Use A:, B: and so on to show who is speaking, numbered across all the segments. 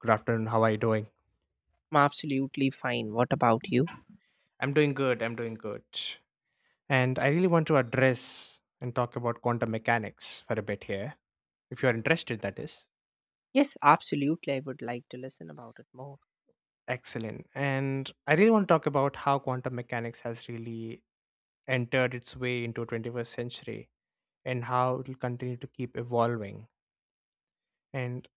A: Good afternoon. How are you doing?
B: I'm absolutely fine. What about you?
A: I'm doing good. I'm doing good. And I really want to address and talk about quantum mechanics for a bit here, if you're interested, that is.
B: Yes, absolutely. I would like to listen about it more.
A: Excellent. And I really want to talk about how quantum mechanics has really entered its way into 21st century and how it will continue to keep evolving. And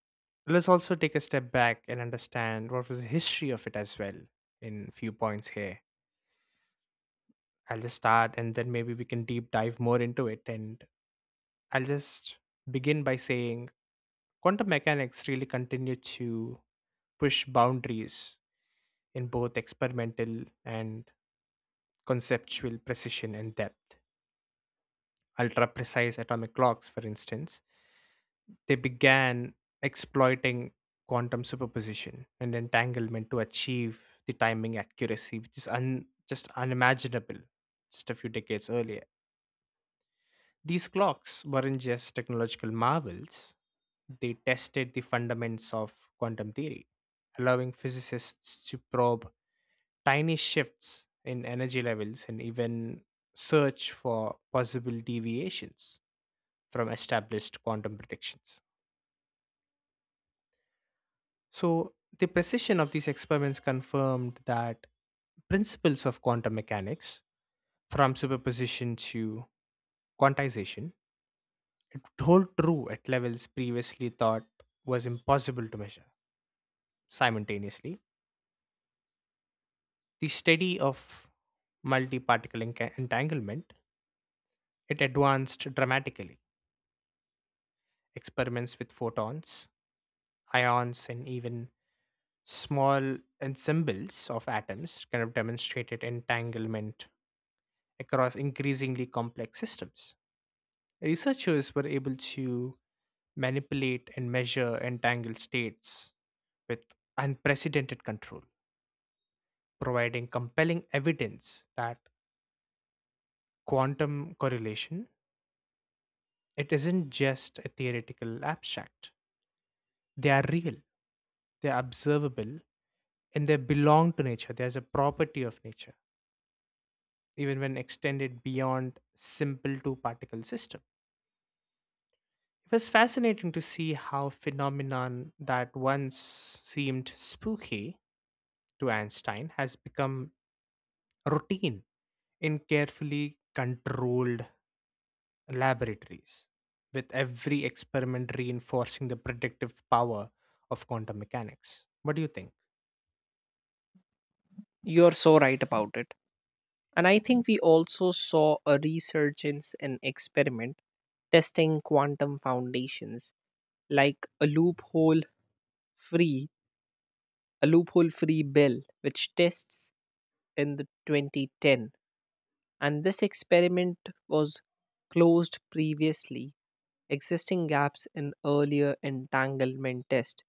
A: let's also take a step back and understand what was the history of it as well in few points here. I'll just start, and then maybe we can deep dive more into it, and I'll just begin by saying quantum mechanics really continue to push boundaries in both experimental and conceptual precision and depth. Ultra precise atomic clocks, for instance, they began exploiting quantum superposition and entanglement to achieve the timing accuracy, which is just unimaginable just a few decades earlier. These clocks weren't just technological marvels, they tested the fundaments of quantum theory, allowing physicists to probe tiny shifts in energy levels and even search for possible deviations from established quantum predictions. So, the precision of these experiments confirmed that principles of quantum mechanics, from superposition to quantization, it would hold true at levels previously thought was impossible to measure simultaneously. The study of multiparticle entanglement it advanced dramatically. Experiments with photons, ions, and even small ensembles of atoms kind of demonstrated entanglement across increasingly complex systems. Researchers were able to manipulate and measure entangled states with unprecedented control, providing compelling evidence that quantum correlation it isn't just a theoretical abstract, they are real, they are observable, and they belong to nature. There's a property of nature, even when extended beyond simple two particle system. It was fascinating to see how phenomenon that once seemed spooky to Einstein has become routine in carefully controlled laboratories, with every experiment reinforcing the predictive power of quantum mechanics. What do you think?
B: You're so right about it. And I think we also saw a resurgence in experiment testing quantum foundations like free, a loophole free bill which tests in the 2010. And this experiment was closed previously, existing gaps in earlier entanglement test,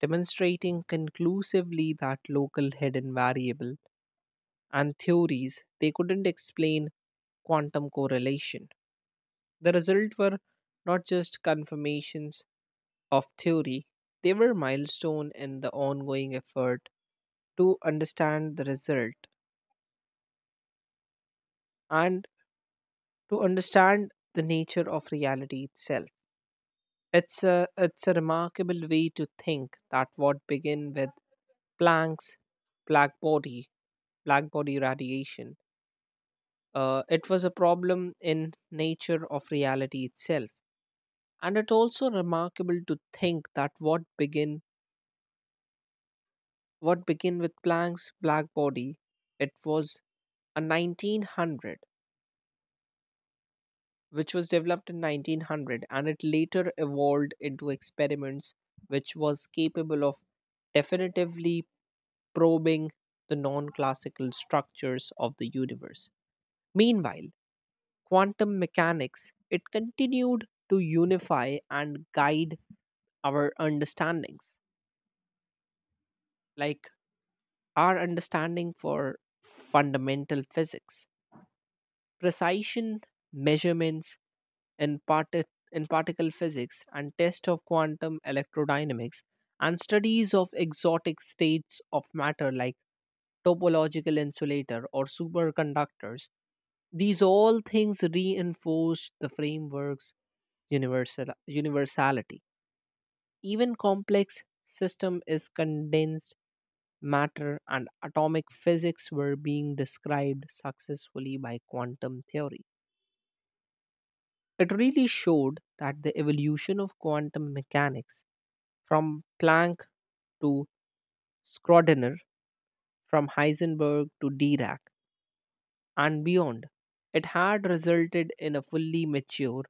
B: demonstrating conclusively that local hidden variable and theories they couldn't explain quantum correlation. The result were not just confirmations of theory, they were milestone in the ongoing effort to understand the result and to understand the nature of reality itself. It's a remarkable way to think that what began with Planck's black body, black body radiation, it was a problem in nature of reality itself. And it also remarkable to think that what began with Planck's black body, it was a 1900 which was developed in 1900, and it later evolved into experiments which was capable of definitively probing the non-classical structures of the universe. Meanwhile, quantum mechanics it continued to unify and guide our understandings, like our understanding for fundamental physics, precision measurements in, parti- in particle physics and test of quantum electrodynamics, and studies of exotic states of matter like topological insulator or superconductors. These all things reinforce the framework's universality, even complex system is condensed matter and atomic physics were being described successfully by quantum theory. It really showed that the evolution of quantum mechanics from Planck to Schrödinger, from Heisenberg to Dirac, and beyond, it had resulted in a fully mature,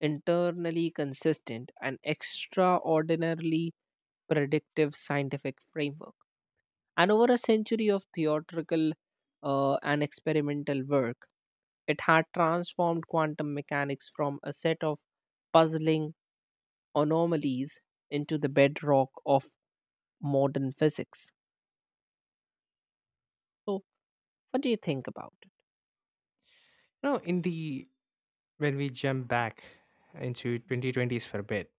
B: internally consistent, and extraordinarily predictive scientific framework. And over a century of theoretical and experimental work, it had transformed quantum mechanics from a set of puzzling anomalies into the bedrock of modern physics. So, what do you think about it?
A: No, in the when we jump back into 2020s for a bit,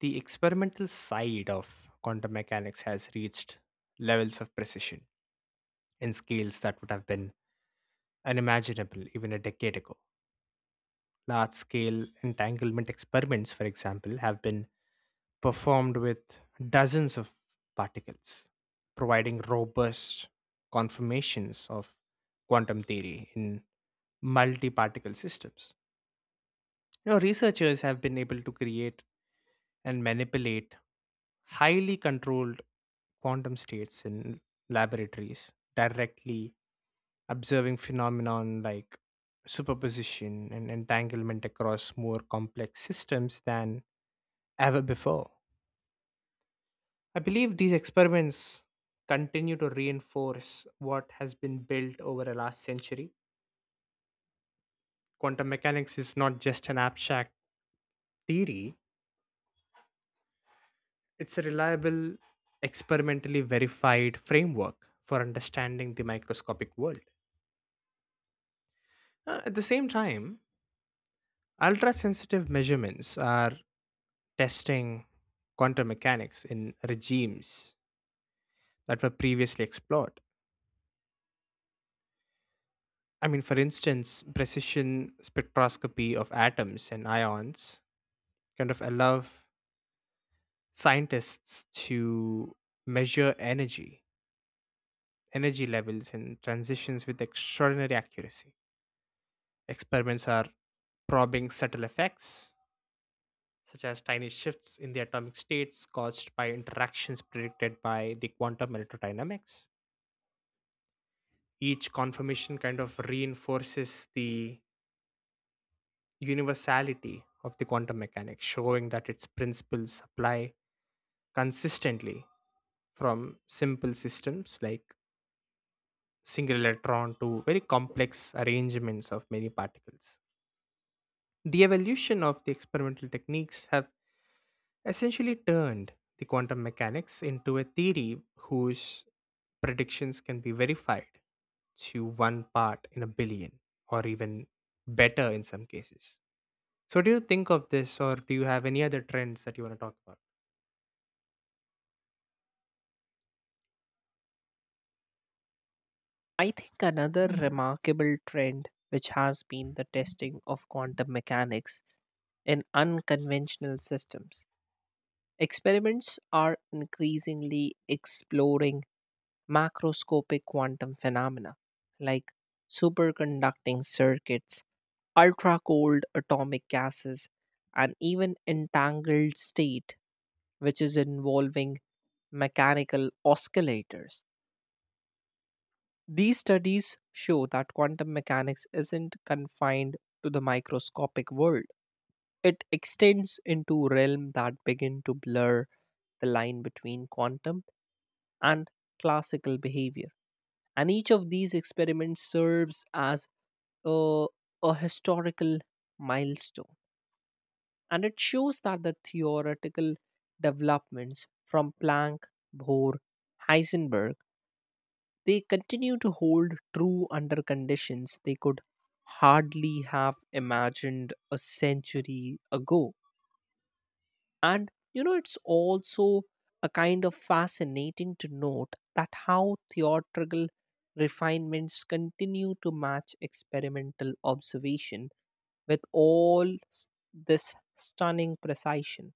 A: the experimental side of quantum mechanics has reached levels of precision in scales that would have been unimaginable even a decade ago. Large scale entanglement experiments, for example, have been performed with dozens of particles, providing robust confirmations of quantum theory in multi-particle systems. You know, researchers have been able to create and manipulate highly controlled quantum states in laboratories, directly observing phenomenon like superposition and entanglement across more complex systems than ever before. I believe these experiments continue to reinforce what has been built over the last century. Quantum mechanics is not just an abstract theory, it's a reliable, experimentally verified framework for understanding the microscopic world. At the same time, ultra sensitive measurements are testing quantum mechanics in regimes that were previously explored. I mean, for instance, precision spectroscopy of atoms and ions kind of allow scientists to measure energy levels and transitions with extraordinary accuracy. Experiments are probing subtle effects, such as tiny shifts in the atomic states caused by interactions predicted by the quantum electrodynamics. Each confirmation kind of reinforces the universality of the quantum mechanics, showing that its principles apply consistently from simple systems like single electron to very complex arrangements of many particles. The evolution of the experimental techniques have essentially turned the quantum mechanics into a theory whose predictions can be verified to one part in a billion or even better in some cases. So, do you think of this, or do you have any other trends that you want to talk about?
B: I think another remarkable trend which has been the testing of quantum mechanics in unconventional systems. Experiments are increasingly exploring macroscopic quantum phenomena like superconducting circuits, ultra cold atomic gases, and even entangled state, which is involving mechanical oscillators. These studies show that quantum mechanics isn't confined to the microscopic world. It extends into realms that begin to blur the line between quantum and classical behavior. And each of these experiments serves as a, a historical milestone, and it shows that the theoretical developments from Planck, Bohr, Heisenberg, they continue to hold true under conditions they could hardly have imagined a century ago. And you know, it's also a kind of fascinating to note that how theatrical refinements continue to match experimental observation with this stunning precision.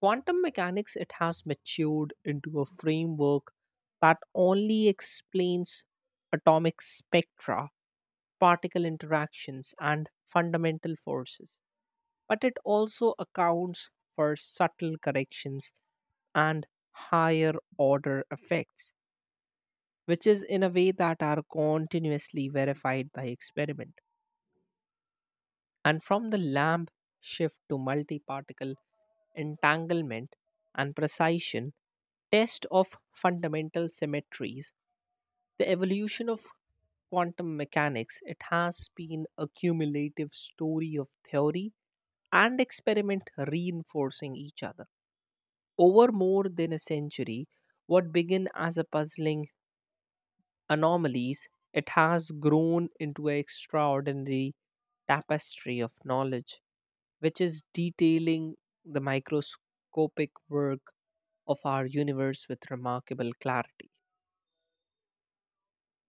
B: Quantum mechanics, it has matured into a framework that only explains atomic spectra, particle interactions, and fundamental forces, but it also accounts for subtle corrections and higher order effects, which is in a way that are continuously verified by experiment. And from the lamp shift to multi particle entanglement and precision, test of fundamental symmetries, the evolution of quantum mechanics, it has been a cumulative story of theory and experiment reinforcing each other. Over more than a century, what began as a puzzling anomalies, it has grown into an extraordinary tapestry of knowledge, which is detailing the microscopic work of our universe with remarkable clarity.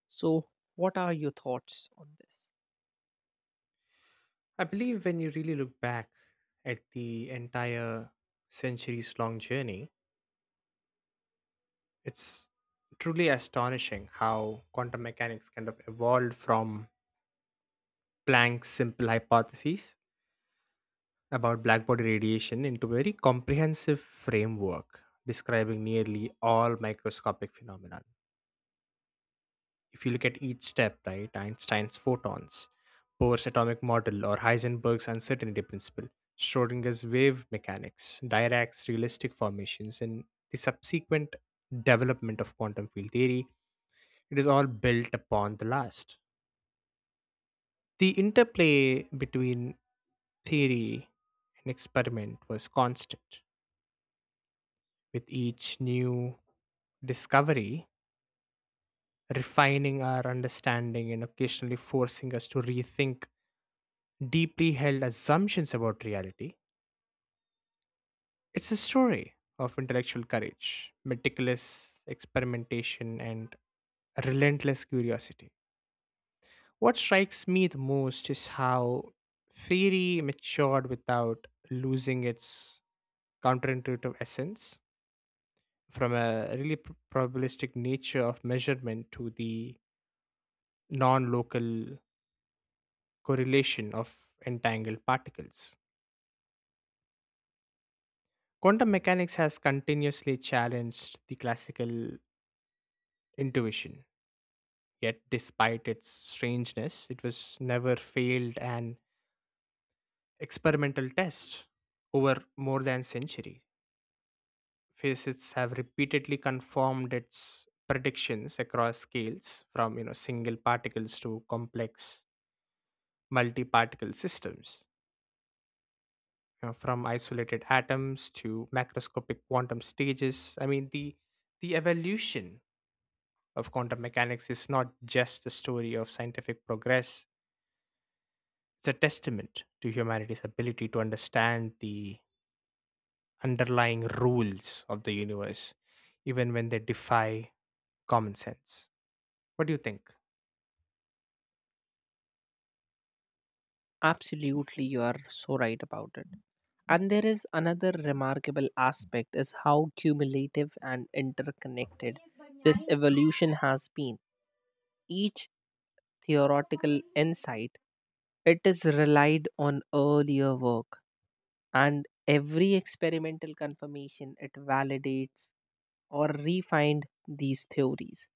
B: So, what are your thoughts on this?
A: I believe when you really look back at the entire centuries long journey, it's truly astonishing how quantum mechanics kind of evolved from Planck's simple hypotheses about black body radiation into a very comprehensive framework describing nearly all microscopic phenomena. If you look at each step, right, Einstein's photons, Bohr's atomic model, or Heisenberg's uncertainty principle, Schrodinger's wave mechanics, Dirac's realistic formations, and the subsequent development of quantum field theory, it is all built upon the last. The interplay between theory and experiment was constant, with each new discovery refining our understanding and occasionally forcing us to rethink deeply held assumptions about reality. It's a story of intellectual courage, meticulous experimentation, and relentless curiosity. What strikes me the most is how Fairy matured without losing its counterintuitive essence, from a really probabilistic nature of measurement to the non local correlation of entangled particles. Quantum mechanics has continuously challenged the classical intuition. Yet, despite its strangeness, it was never failed an experimental test over more than a century. Physicists have repeatedly confirmed its predictions across scales, from you know single particles to complex multi-particle systems. You know, from isolated atoms to macroscopic quantum stages. I mean, the evolution of quantum mechanics is not just a story of scientific progress. It's a testament to humanity's ability to understand the underlying rules of the universe, even when they defy common sense. What do you think?
B: Absolutely, you are so right about it. And there is another remarkable aspect is how cumulative and interconnected this evolution has been. Each theoretical insight, it is relied on earlier work, and every experimental confirmation it validates or refined these theories.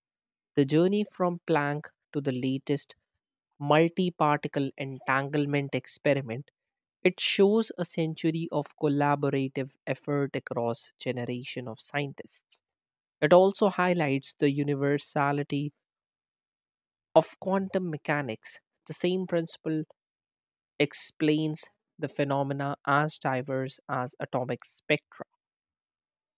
B: The journey from Planck to the latest multi-particle entanglement experiment, it shows a century of collaborative effort across generation of scientists. It also highlights the universality of quantum mechanics, the same principle explains the phenomena as diverse as atomic spectra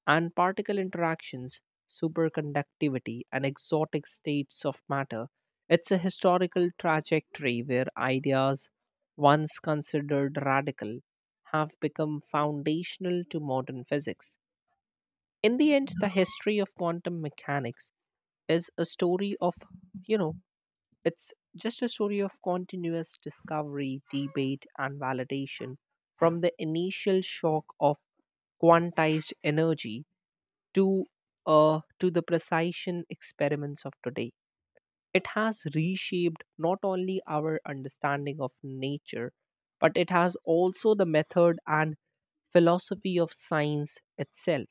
B: and particle interactions, superconductivity, and exotic states of matter. It's a historical trajectory where ideas once considered radical have become foundational to modern physics. In the end, the history of quantum mechanics is a story of, you know, it's just a story of continuous discovery, debate, and validation from the initial shock of quantized energy to to the precision experiments of today. It has reshaped not only our understanding of nature, but it has also the method and philosophy of science itself.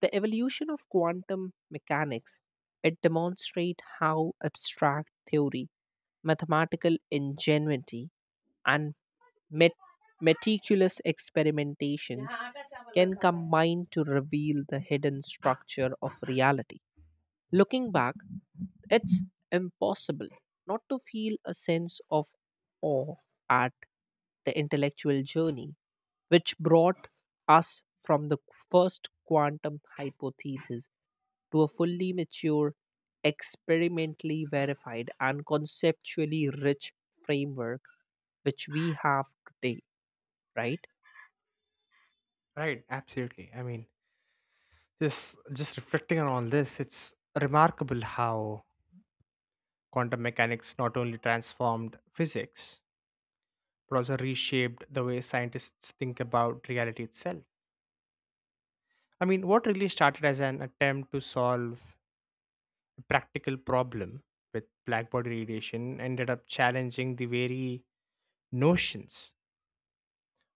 B: The evolution of quantum mechanics, it demonstrates how abstract theory, mathematical ingenuity, and met- meticulous experimentations can combine to reveal the hidden structure of reality. Looking back, it's impossible not to feel a sense of awe at the intellectual journey which brought us from the first quantum hypothesis to a fully mature, experimentally verified, and conceptually rich framework which we have today, right?
A: Right, absolutely. I mean, just reflecting on all this, it's remarkable how quantum mechanics not only transformed physics, but also reshaped the way scientists think about reality itself. I mean, what really started as an attempt to solve practical problem with black body radiation ended up challenging the very notions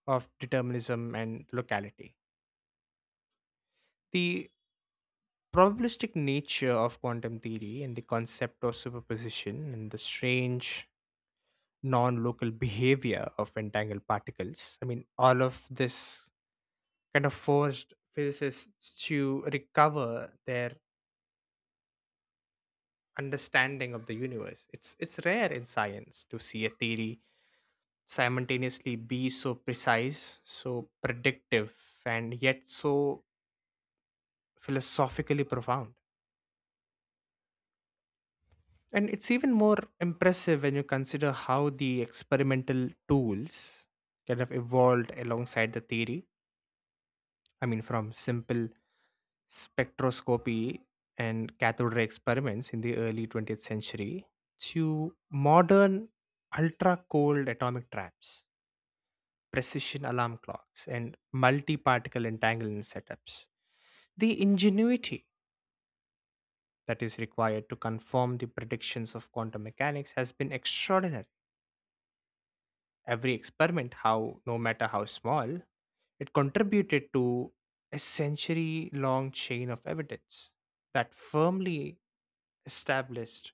A: of determinism and locality. The probabilistic nature of quantum theory and the concept of superposition and the strange non local behavior of entangled particles, I mean, all of this kind of forced physicists to recover their understanding of the universe. It's rare in science to see a theory simultaneously be so precise, so predictive, and yet so philosophically profound. And it's even more impressive when you consider how the experimental tools kind of evolved alongside the theory. I mean, from simple spectroscopy and cathode ray experiments in the early 20th century to modern ultra cold atomic traps, precision alarm clocks, and multi particle entanglement setups. The ingenuity that is required to confirm the predictions of quantum mechanics has been extraordinary. Every experiment, how no matter how small, it contributed to a century long chain of evidence that firmly established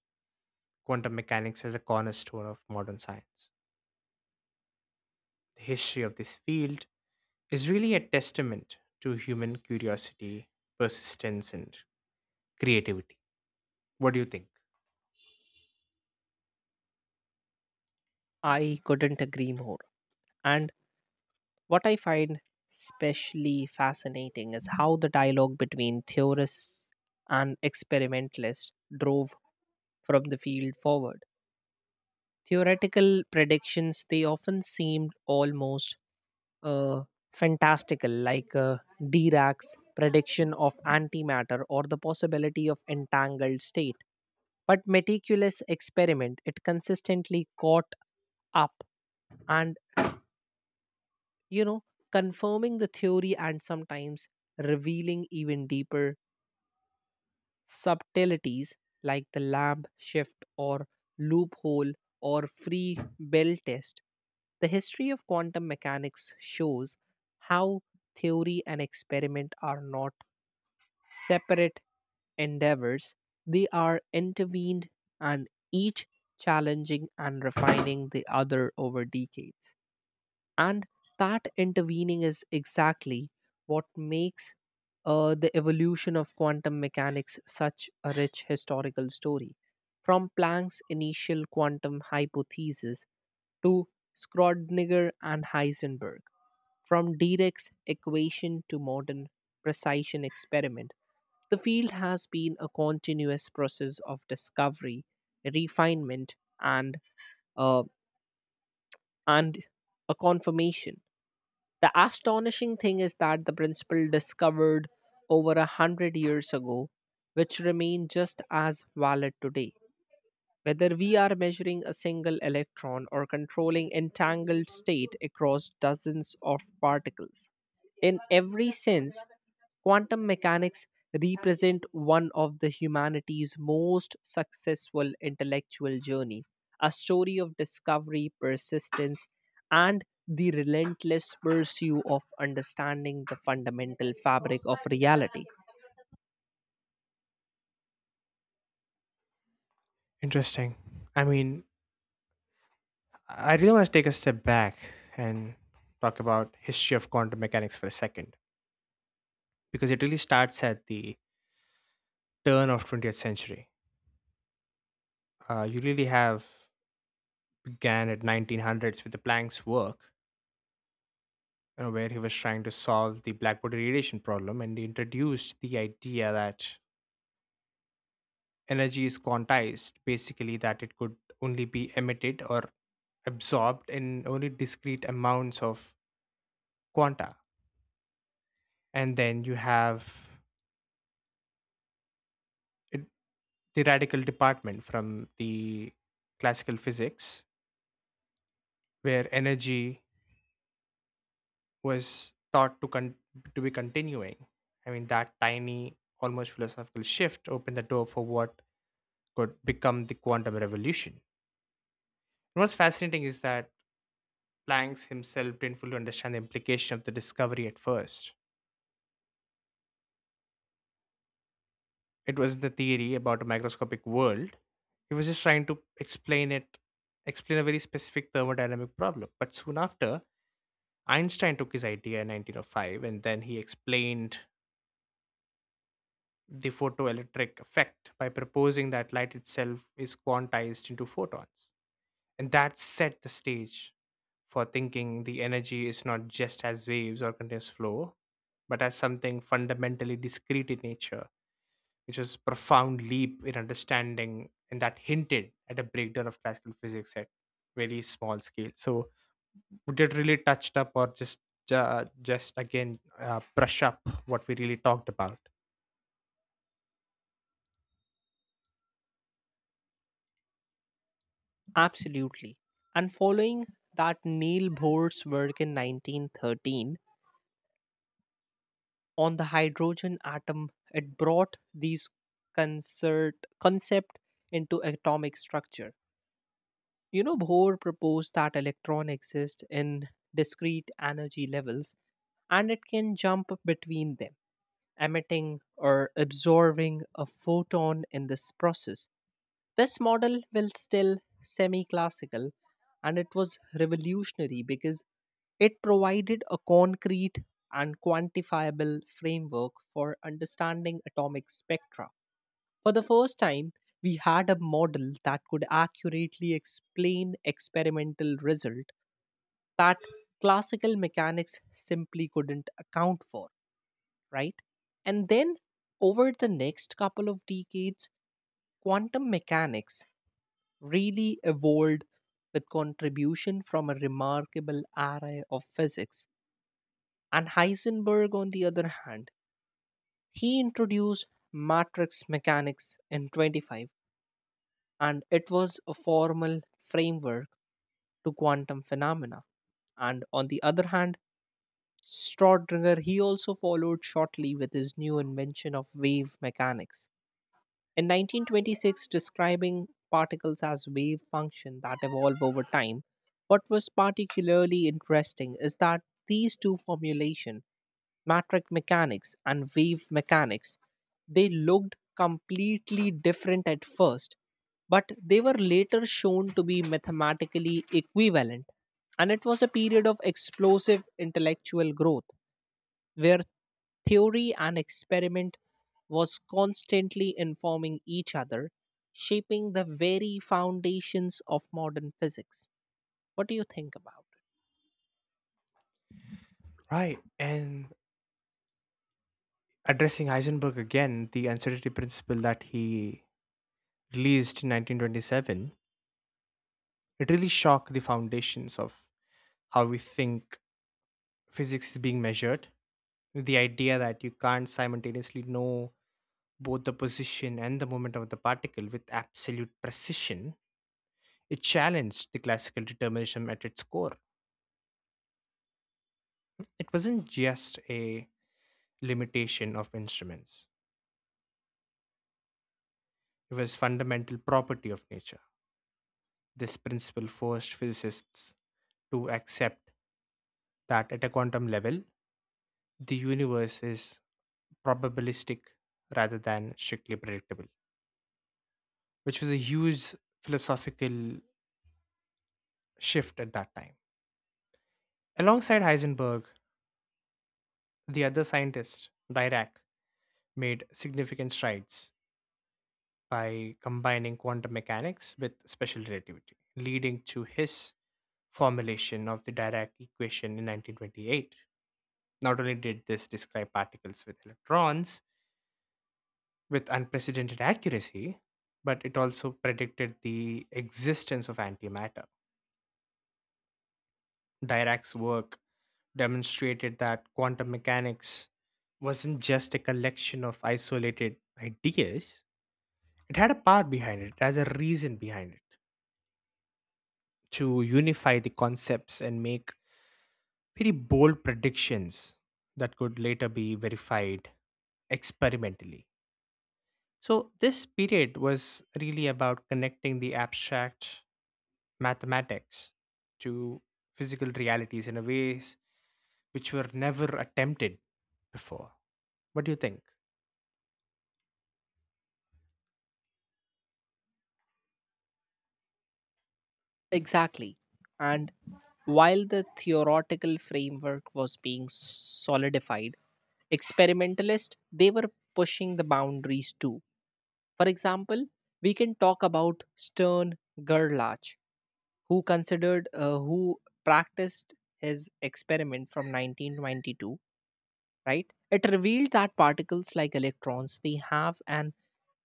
A: quantum mechanics as a cornerstone of modern science. The history of this field is really a testament to human curiosity, persistence, and creativity. What do you think?
B: I couldn't agree more. And what I find especially fascinating is how the dialogue between theorists and experimentalists drove from the field forward. Theoretical predictions, they often seemed almost uh, fantastical, like Dirac's prediction of antimatter or the possibility of entangled state. But meticulous experiment, it consistently caught up and, you know, confirming the theory and sometimes revealing even deeper subtleties like the lamp shift or loophole or free bell test. The history of quantum mechanics shows how theory and experiment are not separate endeavors, they are intervened and each challenging and refining the other over decades. And that intervening is exactly what makes the evolution of quantum mechanics such a rich historical story. From Planck's initial quantum hypothesis to Schrödinger and Heisenberg, from Dirac's equation to modern precision experiment, the field has been a continuous process of discovery, refinement, and uh, and a confirmation. The astonishing thing is that the principle discovered over a hundred years ago, which remain just as valid today. Whether we are measuring a single electron or controlling entangled state across dozens of particles. In every sense, quantum mechanics represent one of the humanity's most successful intellectual journey, a story of discovery, persistence, and the relentless pursuit of understanding the fundamental fabric of reality.
A: Interesting. I mean, I really want to take a step back and talk about history of quantum mechanics for a second, because it really starts at the turn of 20th century. You really have began at 1900s with the Planck's work, you know, where he was trying to solve the black body radiation problem, and he introduced the idea that energy is quantized, basically that it could only be emitted or absorbed in only discrete amounts of quanta. And then you have it the radical department from the classical physics, where energy was thought to be continuing. I mean, that tiny almost philosophical shift opened the door for what could become the quantum revolution. And what's fascinating is that Planck himself didn't fully understand the implication of the discovery at first. It was the theory about a microscopic world. He was just trying to explain it explain a very specific thermodynamic problem. But soon after, Einstein took his idea in 1905, and then he explained the photoelectric effect by proposing that light itself is quantized into photons. And that set the stage for thinking the energy is not just as waves or continuous flow, but as something fundamentally discrete in nature, which was a profound leap in understanding and that hinted at a breakdown of classical physics at very small scale. So, we did really touched up, or just again, brush up what we really talked about.
B: Absolutely. And following that Neil Bohr's work in 1913 on the hydrogen atom, it brought these concert, concept into atomic structure. You know, Bohr proposed that electron exists in discrete energy levels and it can jump between them, emitting or absorbing a photon in this process. This model will still semi classical, and it was revolutionary because it provided a concrete and quantifiable framework for understanding atomic spectra. For the first time, we had a model that could accurately explain experimental result that classical mechanics simply couldn't account for, right? And then over the next couple of decades, quantum mechanics really evolved with contribution from a remarkable array of physics. And Heisenberg, on the other hand, he introduced matrix mechanics in 25, and it was a formal framework to quantum phenomena. And on the other hand, Schrodinger he also followed shortly with his new invention of wave mechanics. In 1926, describing particles as wave function that evolve over time, what was particularly interesting is that these two formulation, matrix mechanics and wave mechanics, they looked completely different at first but they were later shown to be mathematically equivalent, and it was a period of explosive intellectual growth where theory and experiment was constantly informing each other, shaping the very foundations of modern physics. What do you think about?
A: Right. And addressing Heisenberg again, the uncertainty principle that he released in 1927, it really shocked the foundations of how we think physics is being measured. The idea that you can't simultaneously know both the position and the moment of the particle with absolute precision, it challenged the classical determinism at its core. It wasn't just a limitation of instruments. It was fundamental property of nature. This principle forced physicists to accept that at a quantum level, the universe is probabilistic rather than strictly predictable, which was a huge philosophical shift at that time. Alongside Heisenberg, the other scientist, Dirac, made significant strides by combining quantum mechanics with special relativity, leading to his formulation of the Dirac equation in 1928. Not only did this describe particles with electrons with unprecedented accuracy, but it also predicted the existence of antimatter. Dirac's work demonstrated that quantum mechanics wasn't just a collection of isolated ideas. It had a power behind it, it has a reason behind it, to unify the concepts and make very bold predictions that could later be verified experimentally. So, this period was really about connecting the abstract mathematics to physical realities in a ways which were never attempted before. What do you think?
B: Exactly. And while the theoretical framework was being solidified, experimentalists they were pushing the boundaries too. For example, we can talk about Stern Gerlach, who practiced his experiment from 1922. Right, it revealed that particles like electrons they have an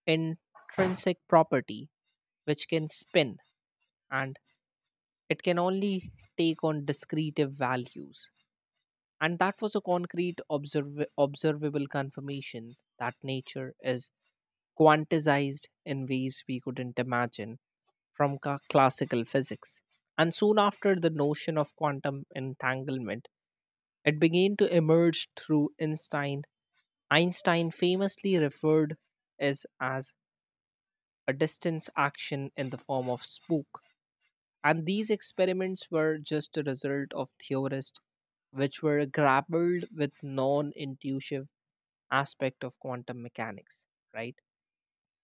B: intrinsic property which can spin, and it can only take on discretive values. And that was a concrete, observable confirmation that nature is quantized in ways we couldn't imagine from classical physics. And soon after the notion of quantum entanglement, it began to emerge through Einstein. Einstein famously referred is as a distance action in the form of spook. And these experiments were just a result of theorists which were grappled with non-intuitive aspect of quantum mechanics, right?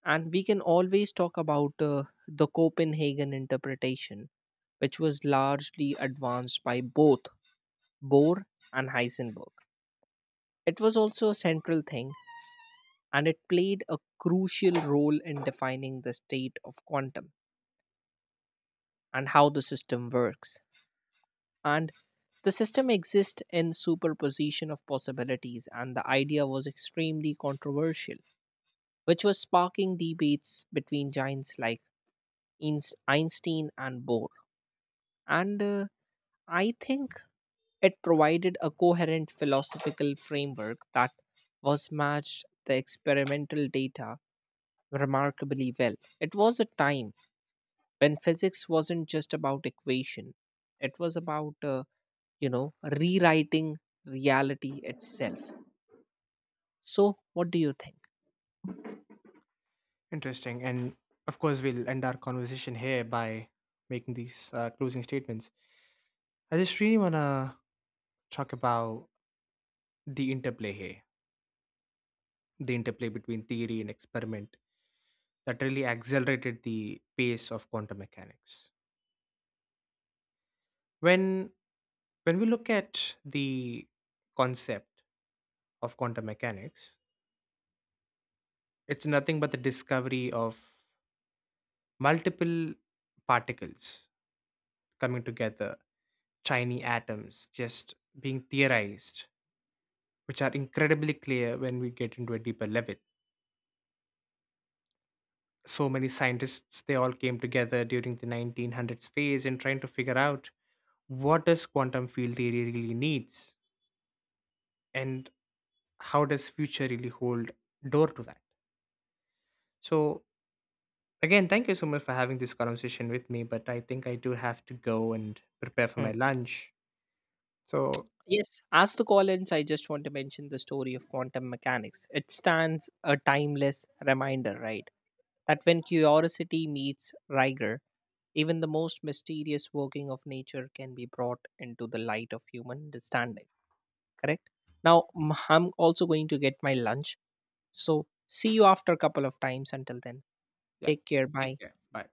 B: And we can always talk about the Copenhagen interpretation, which was largely advanced by both Bohr and Heisenberg. It was also a central thing, and it played a crucial role in defining the state of quantum and how the system works. And the system exists in superposition of possibilities, and the idea was extremely controversial, which was sparking debates between giants like Einstein and Bohr. And I think it provided a coherent philosophical framework that was matched the experimental data remarkably well. It was a time when physics wasn't just about equation, it was about, uh, you know, rewriting reality itself. So what do you think?
A: Interesting. And of course, we'll end our conversation here by making these closing statements. I just really want to talk about the interplay here the interplay between theory and experiment that really accelerated the pace of quantum mechanics. When when we look at the concept of quantum mechanics, it's nothing but the discovery of multiple particles coming together, tiny atoms just being theorized, which are incredibly clear when we get into a deeper level. So many scientists, they all came together during the 1900s phase and trying to figure out what does quantum field theory really needs and how does future really hold door to that. So, again, thank you so much for having this conversation with me, but I think I do have to go and prepare for my
B: Hmm.
A: lunch. So,
B: Yes, as the Collins, I just want to mention the story of quantum mechanics. It stands a timeless reminder, right? That when curiosity meets rigor, even the most mysterious working of nature can be brought into the light of human understanding. Correct? Now, I'm also going to get my lunch. So, see you after a couple of times. Until then,
A: yeah,
B: take care.
A: take
B: Bye.
A: care, bye.